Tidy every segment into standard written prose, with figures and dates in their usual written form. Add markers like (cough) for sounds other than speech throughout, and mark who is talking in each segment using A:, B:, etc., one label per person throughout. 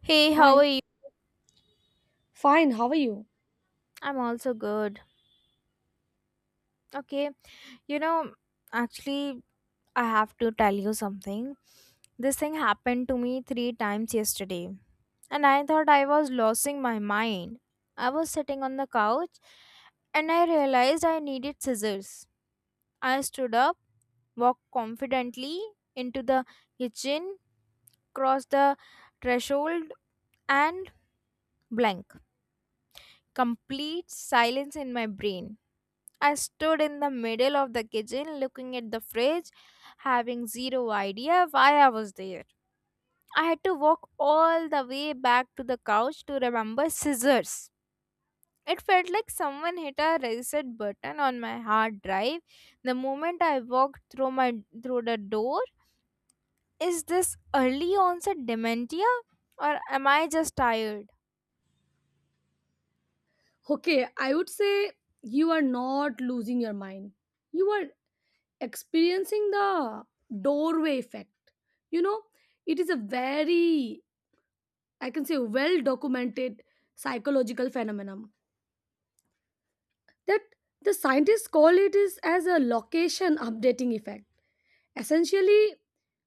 A: Hey, how are
B: Hi,
A: you?
B: fine, how are you?
A: I'm also good. Okay, you know, actually, I have to tell you something. This thing happened to me three times yesterday, and I thought I was losing my mind. I was sitting on the couch and I realized I needed scissors. I stood up, walked confidently into the kitchen, crossed the threshold, and blank. Complete silence in my brain. I stood in the middle of the kitchen looking at the fridge, having zero idea why I was there. I had to walk all the way back to the couch to remember scissors. It felt like someone hit a reset button on my hard drive the moment I walked through the door. Is this early onset dementia or am I just tired?
B: Okay, I would say you are not losing your mind. You are experiencing the doorway effect. You know, it is a very, I can say, well documented psychological phenomenon that the scientists call it is as a location updating effect. Essentially,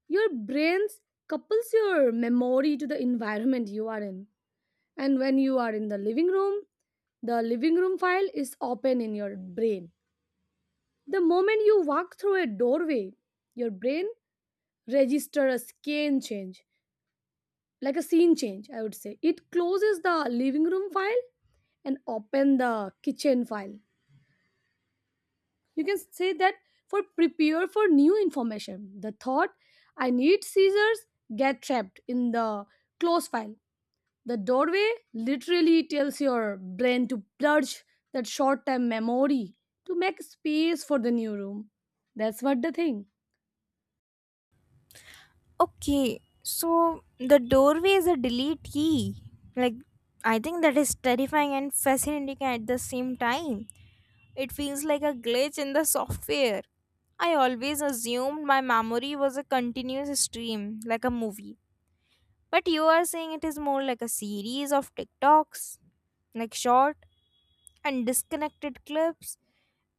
B: your brains couples your memory to the environment you are in. And when you are in the living room file is open in your brain. The moment you walk through a doorway, your brain registers a scan change, like a scene change, I would say. It closes the living room file and open the kitchen file. You can say that for prepare for new information. The thought I need scissors get trapped in the close file. The doorway literally tells your brain to purge that short term memory to make space for the new room. That's what the thing.
A: Okay, so the doorway is a delete key. I think that is terrifying and fascinating at the same time. It feels like a glitch in the software. I always assumed my memory was a continuous stream, like a movie. But you are saying it is more like a series of TikToks, like short and disconnected clips.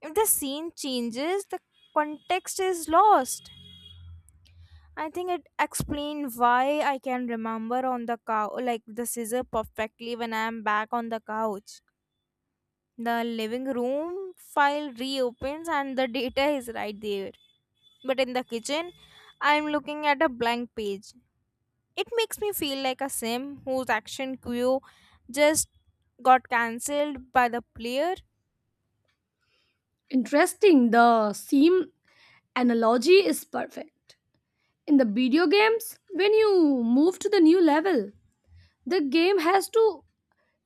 A: If the scene changes, the context is lost. I think it explains why I can remember on the cow like the scissor perfectly when I am back on the couch. The living room file reopens and the data is right there. But in the kitchen, I am looking at a blank page. It makes me feel like a sim whose action queue just got cancelled by the player.
B: Interesting, the seam analogy is perfect. In the video games, when you move to the new level, the game has to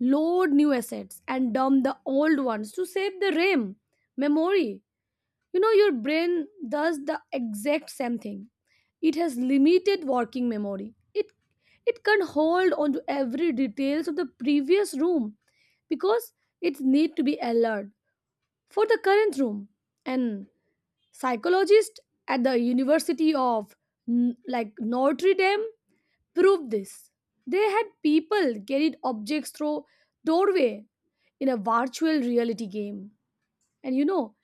B: load new assets and dump the old ones to save the RAM memory. You know, your brain does the exact same thing. It has limited working memory. It can hold on to every details of the previous room because it need to be alert for the current room. And psychologist at the University of Notre Dame proved this. They had people carried objects through doorway in a virtual reality game. And you know,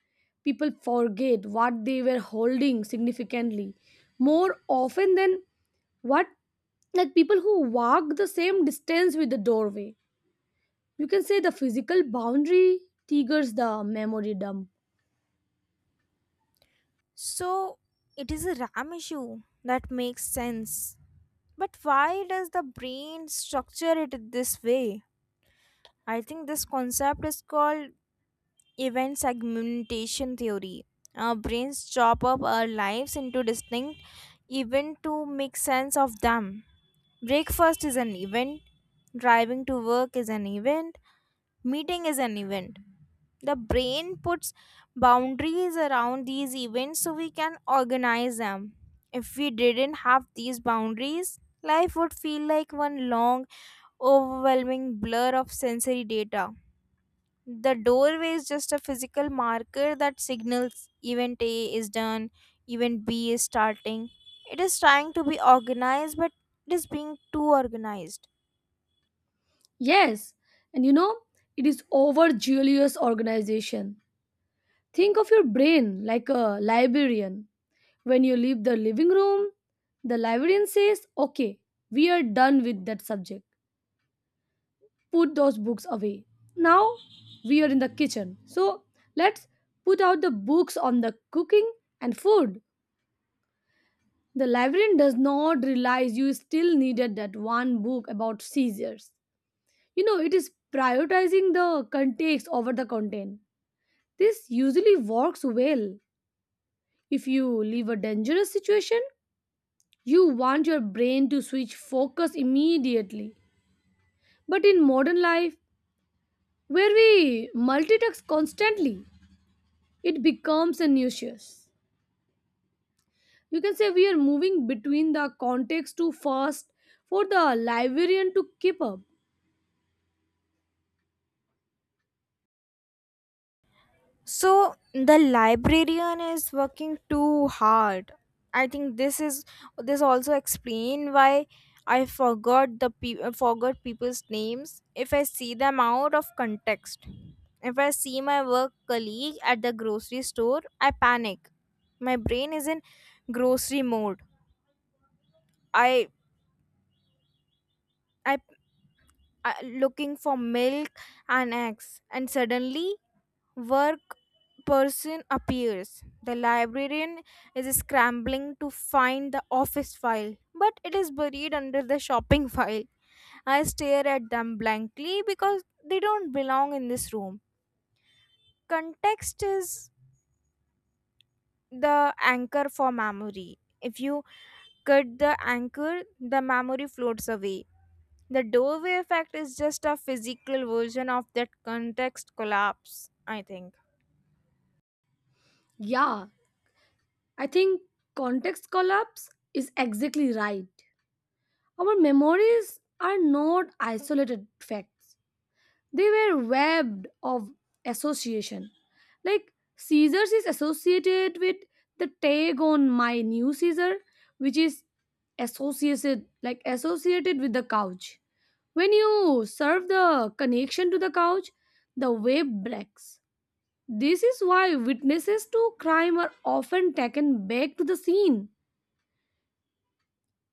B: people forget what they were holding significantly more often than what like people who walk the same distance with the doorway. You can say the physical boundary triggers the memory dump.
A: So it is a RAM issue. That makes sense. But why does the brain structure it this way? I think this concept is called event segmentation theory. Our brains chop up our lives into distinct events to make sense of them. Breakfast is an event, driving to work is an event, meeting is an event. The brain puts boundaries around these events so we can organize them. If we didn't have these boundaries, life would feel like one long, overwhelming blur of sensory data. The doorway is just a physical marker that signals event A is done, event B is starting. It is trying to be organized, but it is being too organized.
B: Yes, and you know, it is overzealous organization. Think of your brain like a librarian. When you leave the living room, the librarian says, okay, we are done with that subject, put those books away. Now we are in the kitchen. So let's put out the books on the cooking and food. The librarian does not realize you still needed that one book about seizures. You know, it is prioritizing the context over the content. This usually works well. If you leave a dangerous situation, you want your brain to switch focus immediately. But in modern life, where we multitask constantly, it becomes a nuisance. You can say we are moving between the context too fast for the librarian to keep up.
A: So the librarian is working too hard. I think this also explain why I forgot the forgot people's names if I see them out of context. If I see my work colleague at the grocery store, I panic. My brain is in grocery mode. I I, I looking for milk and eggs and suddenly work person appears. The librarian is scrambling to find the office file, but it is buried under the shopping file. I stare at them blankly because they don't belong in this room. Context is the anchor for memory. If you cut the anchor, the memory floats away. The doorway effect is just a physical version of that context collapse, I think.
B: Yeah, I think context collapse is exactly right. Our memories are not isolated facts. They were webbed of association. Like Caesar's is associated with the tag on my new Caesar, which is associated with the couch. When you serve the connection to the couch, the web breaks. This is why witnesses to crime are often taken back to the scene.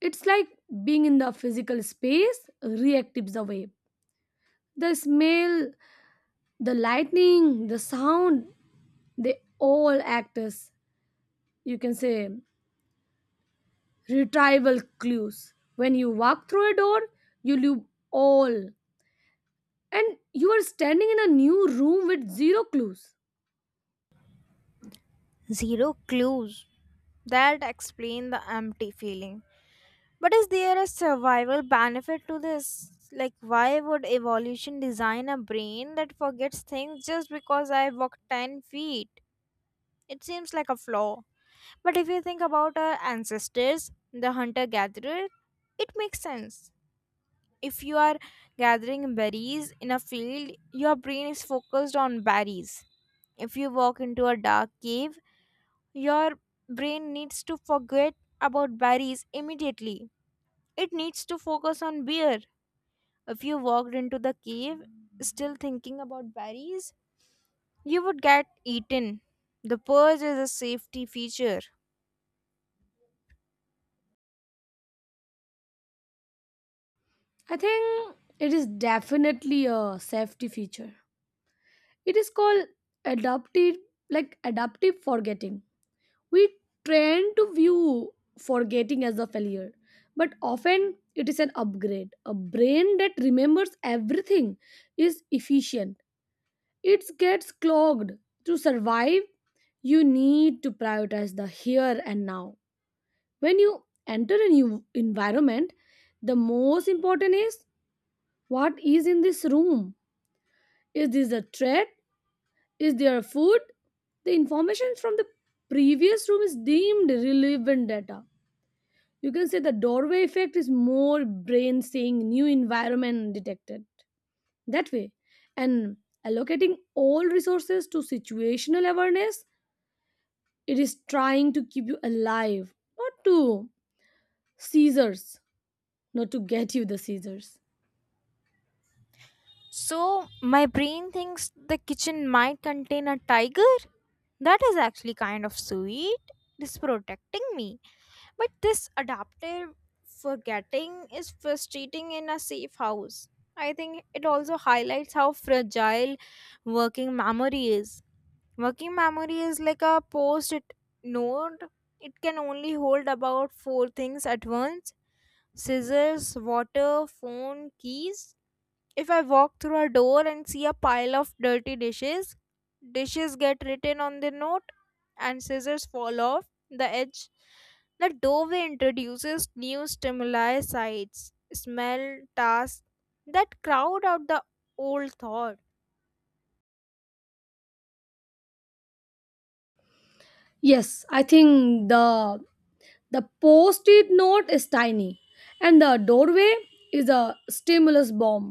B: It's like being in the physical space reactives the wave. The smell, the lightning, the sound, they all act as, you can say, retrieval clues. When you walk through a door, you leave all. And you are standing in a new room with zero clues.
A: Zero clues. That explains the empty feeling. But is there a survival benefit to this? Like, why would evolution design a brain that forgets things just because I walk 10 feet? It seems like a flaw. But if you think about our ancestors, the hunter gatherer, it makes sense. If you are gathering berries in a field, your brain is focused on berries. If you walk into a dark cave, your brain needs to forget about berries immediately. It needs to focus on beer. If you walked into the cave still thinking about berries, you would get eaten. The purge is a safety feature.
B: I think it is definitely a safety feature. It is called adaptive adaptive forgetting. We tend to view forgetting as a failure, but often it is an upgrade. A brain that remembers everything is efficient. It gets clogged. To survive, you need to prioritize the here and now. When you enter a new environment, the most important is what is in this room. Is this a threat? Is there a food? The information from the previous room is deemed relevant data. You can say the doorway effect is more brain saying new environment detected. That way, and allocating all resources to situational awareness, it is trying to keep you alive, not to seizures, not to get you the seizures.
A: So, my brain thinks the kitchen might contain a tiger? That is actually kind of sweet. It is protecting me. But this adaptive forgetting is frustrating in a safe house. I think it also highlights how fragile working memory is. Working memory is like a post it node, it can only hold about four things at once scissors, water, phone, keys. If I walk through a door and see a pile of dirty dishes, dishes get written on the note and scissors fall off the edge. The doorway introduces new stimuli, sights, smell, tasks that crowd out the old thought.
B: Yes, I think the post it note is tiny, and the doorway is a stimulus bomb.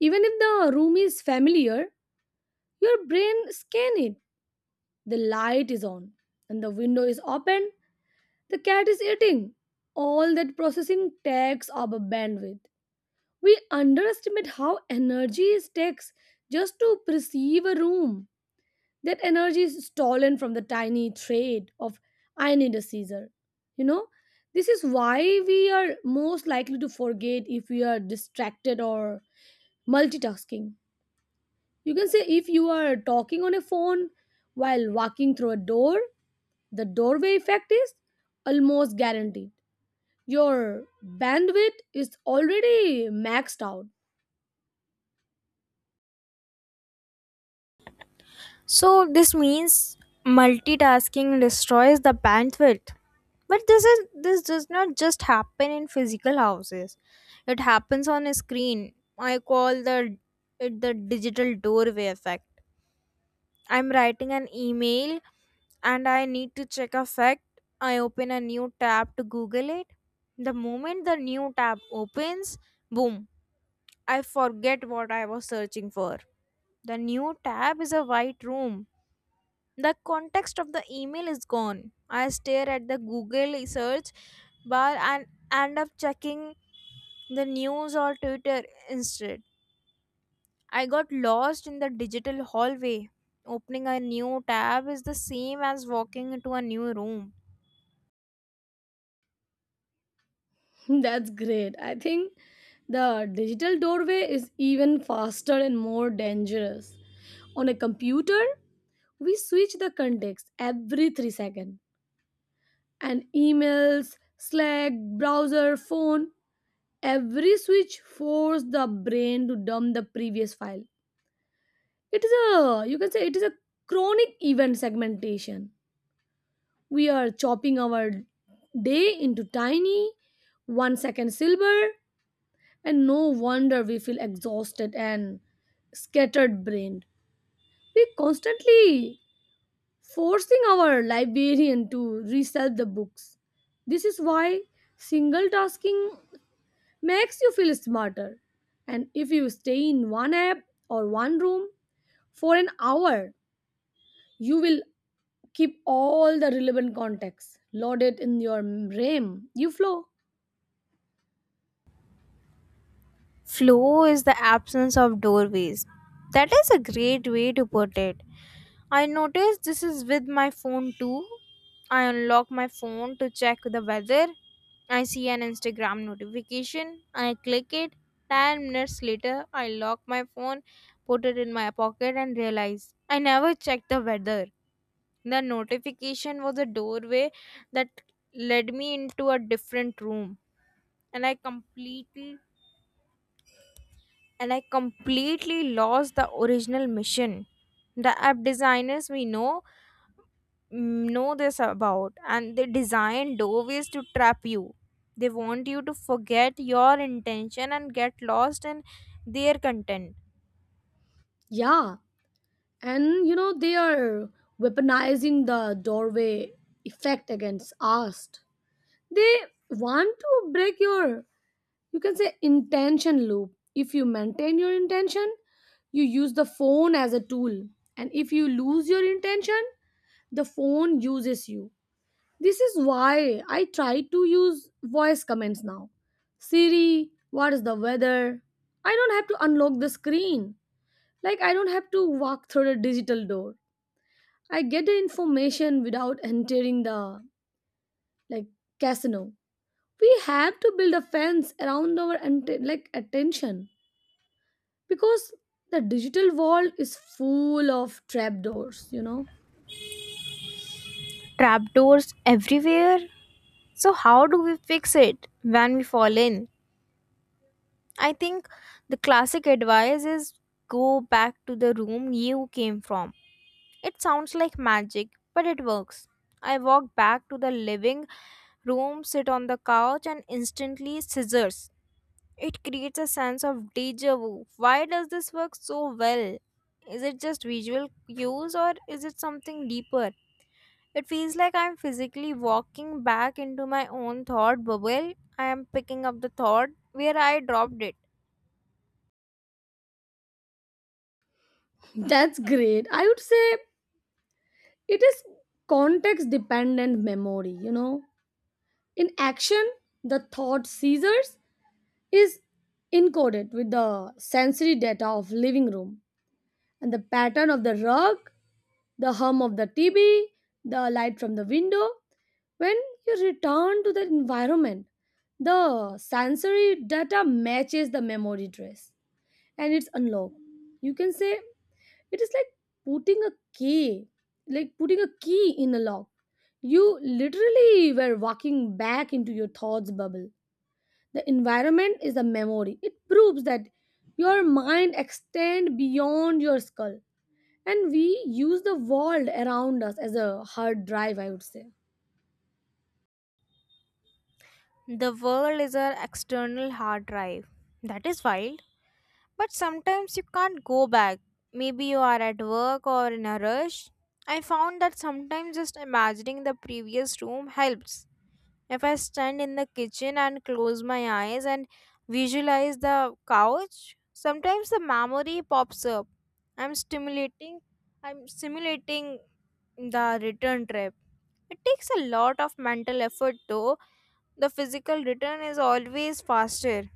B: Even if the room is familiar, your brain scans it. The light is on, and the window is open, the cat is eating. All that processing takes up a bandwidth. We underestimate how energy it takes just to perceive a room. That energy is stolen from the tiny trait of I need a Caesar. You know, this is why we are most likely to forget if we are distracted or multitasking. You can say if you are talking on a phone while walking through a door, the doorway effect is almost guaranteed. Your bandwidth is already maxed out.
A: So this means multitasking destroys the bandwidth. But this does not just happen in physical houses. It happens on a screen. I call the it the digital doorway effect. I'm writing an email and I need to check a fact. I open a new tab to Google it. The moment the new tab opens, boom, I forget what I was searching for. The new tab is a white room, the context of the email is gone. I stare at the Google search bar and end up checking the news or Twitter instead. I got lost in the digital hallway. Opening a new tab is the same as walking into a new room.
B: (laughs) That's great. I think the digital doorway is even faster and more dangerous. On a computer, we switch the context every 3 seconds. And emails, Slack, browser, phone, every switch forces the brain to dump the previous file. It is a you can say it is a chronic event segmentation. We are chopping our day into tiny 1 second silver and no wonder we feel exhausted and scattered brained. We constantly forcing our librarian to resell the books. This is why single tasking makes you feel smarter. And if you stay in one app or one room for an hour, you will keep all the relevant contacts loaded in your RAM. You flow.
A: Flow is the absence of doorways. That is a great way to put it. I noticed this is with my phone too. I unlock my phone to check the weather. I see an Instagram notification, I click it. 10 minutes later, I lock my phone, put it in my pocket, and realize I never checked the weather. The notification was a doorway that led me into a different room, and I completely lost the original mission. The app designers we know this about and they design doorways to trap you. They want you to forget your intention and get lost in their content.
B: Yeah. And you know, they are weaponizing the doorway effect against us. They want to break your, you can say, intention loop. If you maintain your intention, you use the phone as a tool, and if you lose your intention, the phone uses you. This is why I try to use voice commands now. Siri, what is the weather? I don't have to unlock the screen. Like I don't have to walk through the digital door. I get the information without entering the, like, casino. We have to build a fence around our attention because the digital world is full of trapdoors, you know.
A: Trapdoors everywhere. So how do we fix it when we fall in? I think the classic advice is go back to the room you came from. It sounds like magic, but it works. I walked back to the living room, sit on the couch and instantly scissors. It creates a sense of deja vu. Why does this work so well? Is it just visual cues or is it something deeper? It feels like I'm physically walking back into my own thought bubble. I am picking up the thought where I dropped it.
B: (laughs) That's great. I would say it is context dependent memory, you know, in action. The thought seizures is encoded with the sensory data of living room, and the pattern of the rug, the hum of the TV, the light from the window. When you return to the environment, the sensory data matches the memory trace and it's unlocked. You can say it is like putting a key, like putting a key in a lock. You literally were walking back into your thoughts bubble. The environment is a memory. It proves that your mind extends beyond your skull. And we use the world around us as a hard drive, I would say.
A: The world is an external hard drive. That is wild. But sometimes you can't go back. Maybe you are at work or in a rush. I found that sometimes just imagining the previous room helps. If I stand in the kitchen and close my eyes and visualize the couch, sometimes the memory pops up. I'm stimulating I'm simulating the return trip. It takes a lot of mental effort though. The physical return is always faster.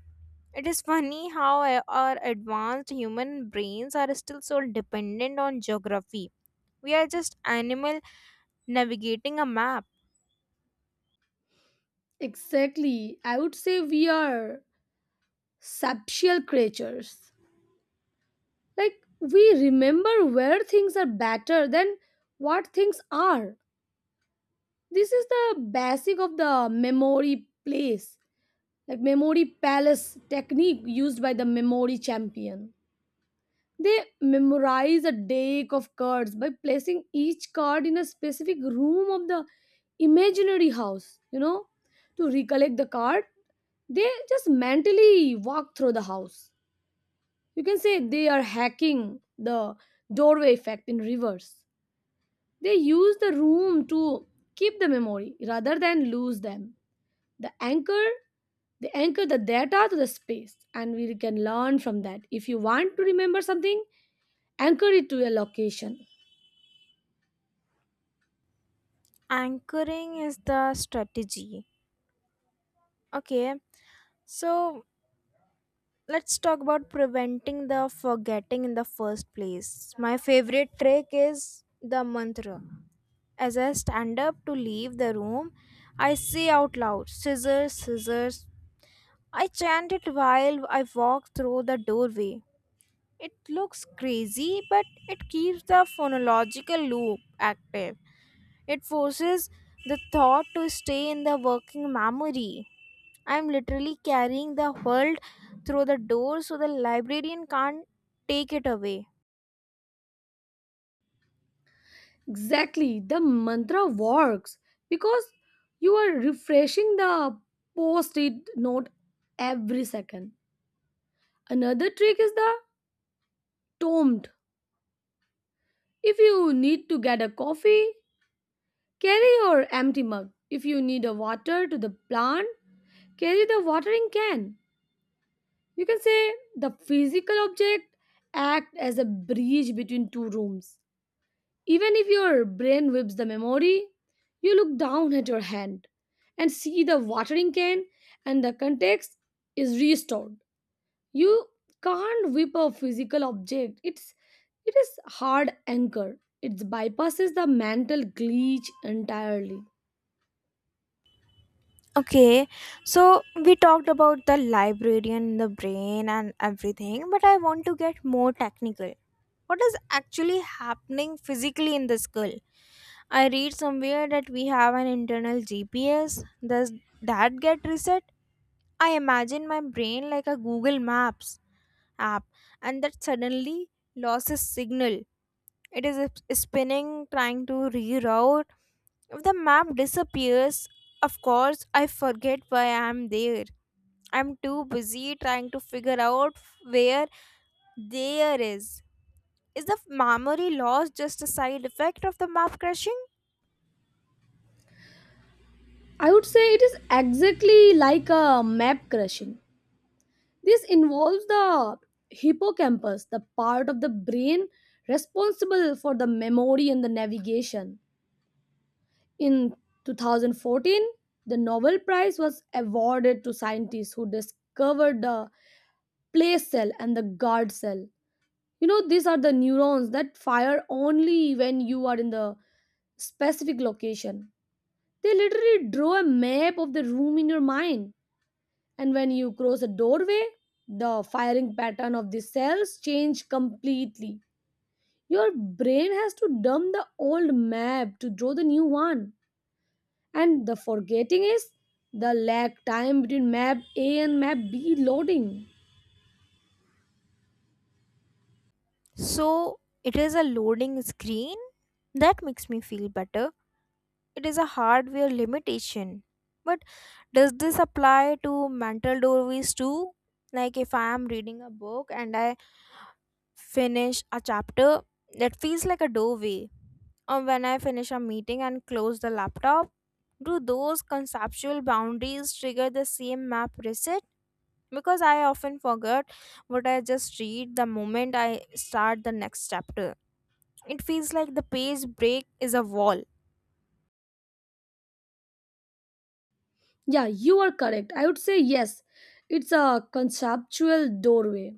A: It is funny how our advanced human brains are still so dependent on geography. We are just animal navigating a map.
B: Exactly. I would say we are sapsual creatures. Like, we remember where things are better than what things are. This is the basic of the memory place, like memory palace technique used by the memory champion. They memorize a deck of cards by placing each card in a specific room of the imaginary house, you know. To recollect the card they just mentally walk through the house. You can say they are hacking the doorway effect in reverse. They use the room to keep the memory rather than lose them. The anchor they anchor the data to the space and we can learn from that. If you want to remember something, anchor it to a location.
A: Anchoring is the strategy. Okay, so let's talk about preventing the forgetting in the first place. My favorite trick is the mantra. As I stand up to leave the room, I say out loud, scissors, scissors. I chant it while I walk through the doorway. It looks crazy, but it keeps the phonological loop active. It forces the thought to stay in the working memory. I'm literally carrying the world through the door so the librarian can't take it away.
B: Exactly, the mantra works because you are refreshing the post it note every second. Another trick is the tomed. If you need to get a coffee, carry your empty mug. If you need a water to the plant, carry the watering can. You can say the physical object act as a bridge between two rooms. Even if your brain whips the memory, you look down at your hand and see the watering can and the context is restored. You can't whip a physical object. It is hard anchor. It bypasses the mental glitch entirely.
A: Okay, so we talked about the librarian, the brain, and everything, but I want to get more technical. What is actually happening physically in the skull? I read somewhere that we have an internal GPS. Does that get reset? I imagine my brain like a Google Maps app and that suddenly lost its signal. It is spinning, trying to reroute. If the map disappears, of course, I forget why I'm there. I'm too busy trying to figure out where there is. Is the memory loss just a side effect of the map crashing?
B: I would say it is exactly like a map crashing. This involves the hippocampus, the part of the brain responsible for the memory and the navigation. In 2014, the Nobel Prize was awarded to scientists who discovered the place cell and the guard cell. You know, these are the neurons that fire only when you are in the specific location. They literally draw a map of the room in your mind. And when you cross a doorway, the firing pattern of the cells change completely. Your brain has to dump the old map to draw the new one, and the forgetting is the lag time between map A and map B loading.
A: So it is a loading screen? That makes me feel better. It is a hardware limitation. But does this apply to mental doorways too? Like if I am reading a book and I finish a chapter that feels like a doorway. Or when I finish a meeting and close the laptop, do those conceptual boundaries trigger the same map reset? Because I often forget what I just read the moment I start the next chapter. It feels like the page break is a wall.
B: Yeah, you are correct, I would say yes. It's a conceptual doorway,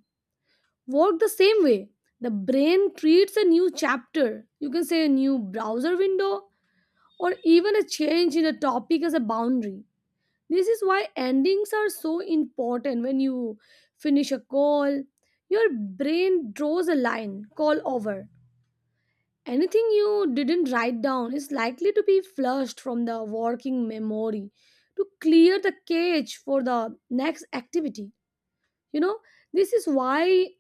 B: work the same way. The brain creates a new chapter, you can say a new browser window, or even a change in a topic as a boundary. This is why endings are so important. When you finish a call, your brain draws a line, call over. Anything you didn't write down is likely to be flushed from the working memory to clear the cache for the next activity. You know, this is why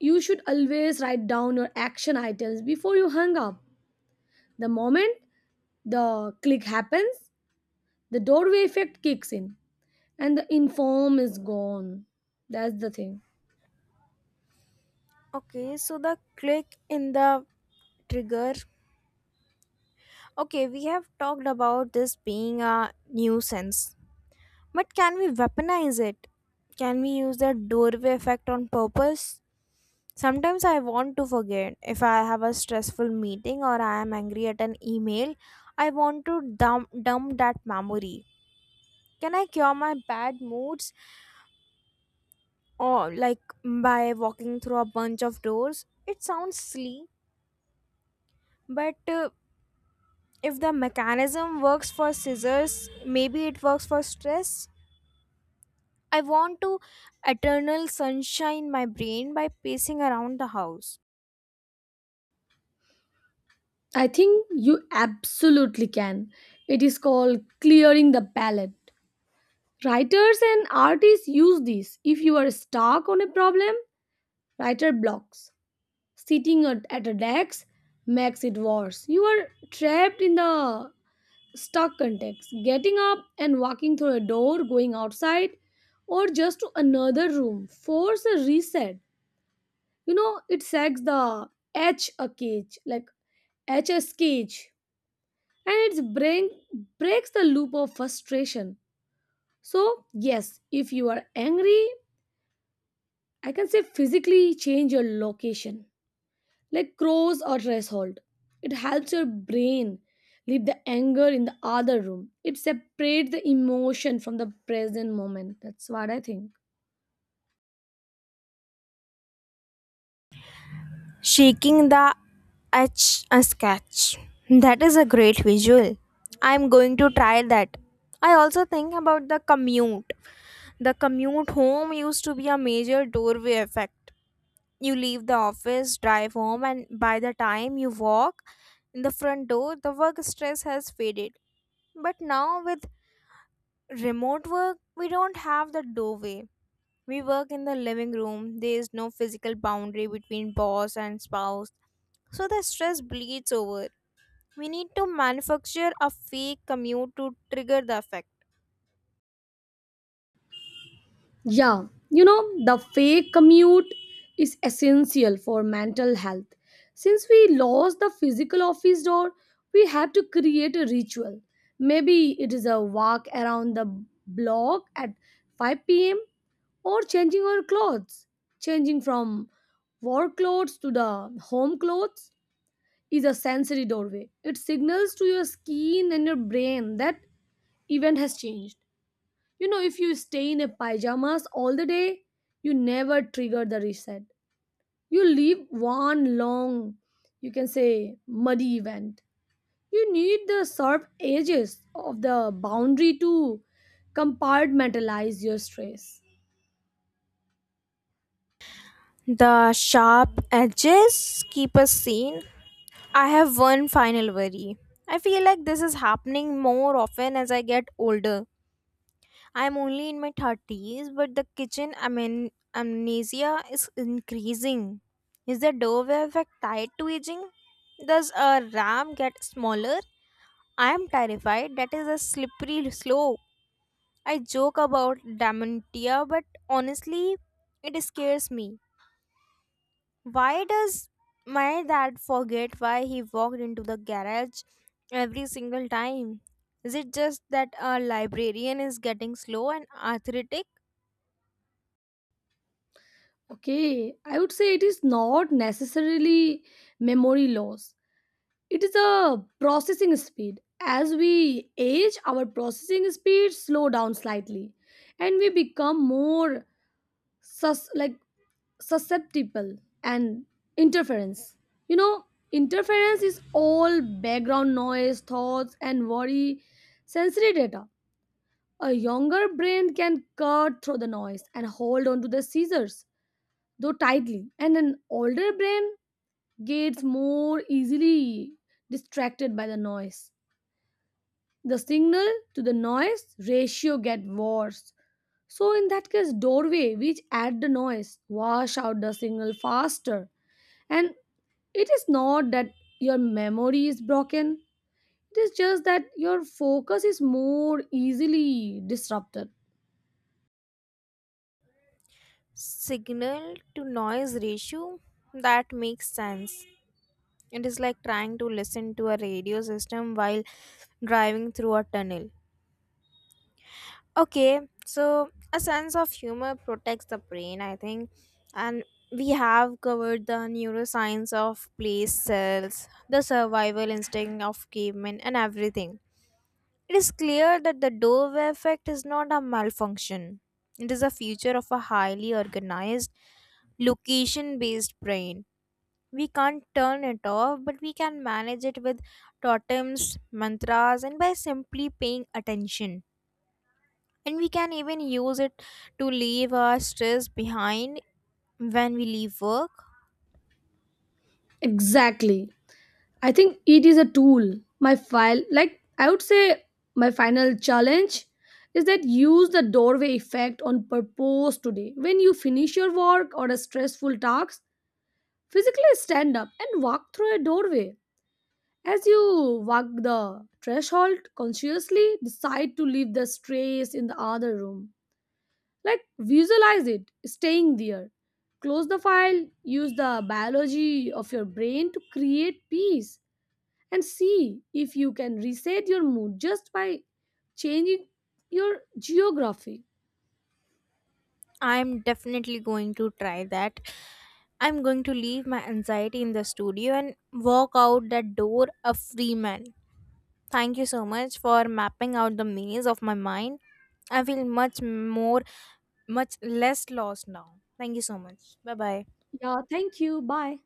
B: you should always write down your action items before you hang up. The moment the click happens, the doorway effect kicks in and the inform is gone. That's the thing.
A: Okay, so the click in the trigger. Okay, we have talked about this being a nuisance. But can we weaponize it? Can we use that doorway effect on purpose? Sometimes I want to forget. If I have a stressful meeting or I am angry at an email, I want to dump that memory. Can I cure my bad moods or like by walking through a bunch of doors? It sounds silly, but if the mechanism works for scissors, maybe it works for stress. I want to eternal sunshine my brain by pacing around the house,
B: I think you absolutely can. It is called clearing the palette. Writers and artists use this. If you are stuck on a problem, writer blocks, sitting at a desk makes it worse. You are trapped in the stuck context. Getting up and walking through a door, going outside or just to another room, force a reset. You know, it sacks the h a cage like hs cage, and it's brain, breaks the loop of frustration. So yes, if you are angry, I can say physically change your location, like crows or threshold. It helps your brain leave the anger in the other room. It separates the emotion from the present moment, that's what I think.
A: shaking the etch a sketch. That is a great visual. I'm going to try that. I also think about the commute. The commute home used to be a major doorway effect. You leave the office, drive home, and by the time you walk in the front door, the work stress has faded. But now with remote work, we don't have the doorway. We work in the living room. There is no physical boundary between boss and spouse. So the stress bleeds over. We need to manufacture a fake commute to trigger the effect.
B: Yeah, you know, the fake commute is essential for mental health. Since we lost the physical office door, we have to create a ritual. Maybe it is a walk around the block at 5 p.m., or changing our clothes. Changing from work clothes to the home clothes is a sensory doorway. It signals to your skin and your brain that event has changed. You know, if you stay in a pajamas all the day, you never trigger the reset. You leave one long, you can say, muddy event. You need the sharp edges of the boundary to compartmentalize your stress.
A: The sharp edges keep us sane. I have one final worry. I feel like this is happening more often as I get older. I'm only in my 30s, but the kitchen amnesia is increasing. Is the doorway effect tied to aging? Does a ram get smaller? I am terrified. That is a slippery slope. I joke about dementia, but honestly, it scares me. Why does my dad forget why he walked into the garage every single time? Is it just that a librarian is getting slow and arthritic?
B: Okay, I would say it is not necessarily memory loss. It is a processing speed. As we age, our processing speed slow down slightly and we become more sus- like susceptible and interference. You know, interference is all background noise thoughts and worry, sensory data. A younger brain can cut through the noise and hold on to the scissors though tightly, and an older brain gets more easily distracted by the noise. The signal to the noise ratio get worse. So in that case doorway which add the noise wash out the signal faster. And it is not that your memory is broken, it is just that your focus is more easily disrupted.
A: Signal to noise ratio, that makes sense. It is like trying to listen to a radio system while driving through a tunnel. Okay, so a sense of humor protects the brain, I think. And we have covered the neuroscience of place cells, the survival instinct of cavemen, and everything. It is clear that the doorway effect is not a malfunction. It is a feature of a highly organized, location based brain. We can't turn it off, but we can manage it with totems, mantras, and by simply paying attention. And we can even use it to leave our stress behind when we leave work.
B: Exactly. I think it is a tool. My file, like I would say, my final challenge is that use the doorway effect on purpose today. When you finish your work or a stressful task, physically stand up and walk through a doorway. As you walk the threshold, consciously decide to leave the strays in the other room. Like, visualize it staying there. Close the file, use the biology of your brain to create peace, and see if you can reset your mood just by changing your geography.
A: I'm definitely going to try that. I'm going to leave my anxiety in the studio and walk out that door a free man. Thank you so much for mapping out the maze of my mind. I feel much more, much less lost now. Thank you so much. Bye bye.
B: Yeah, thank you. Bye.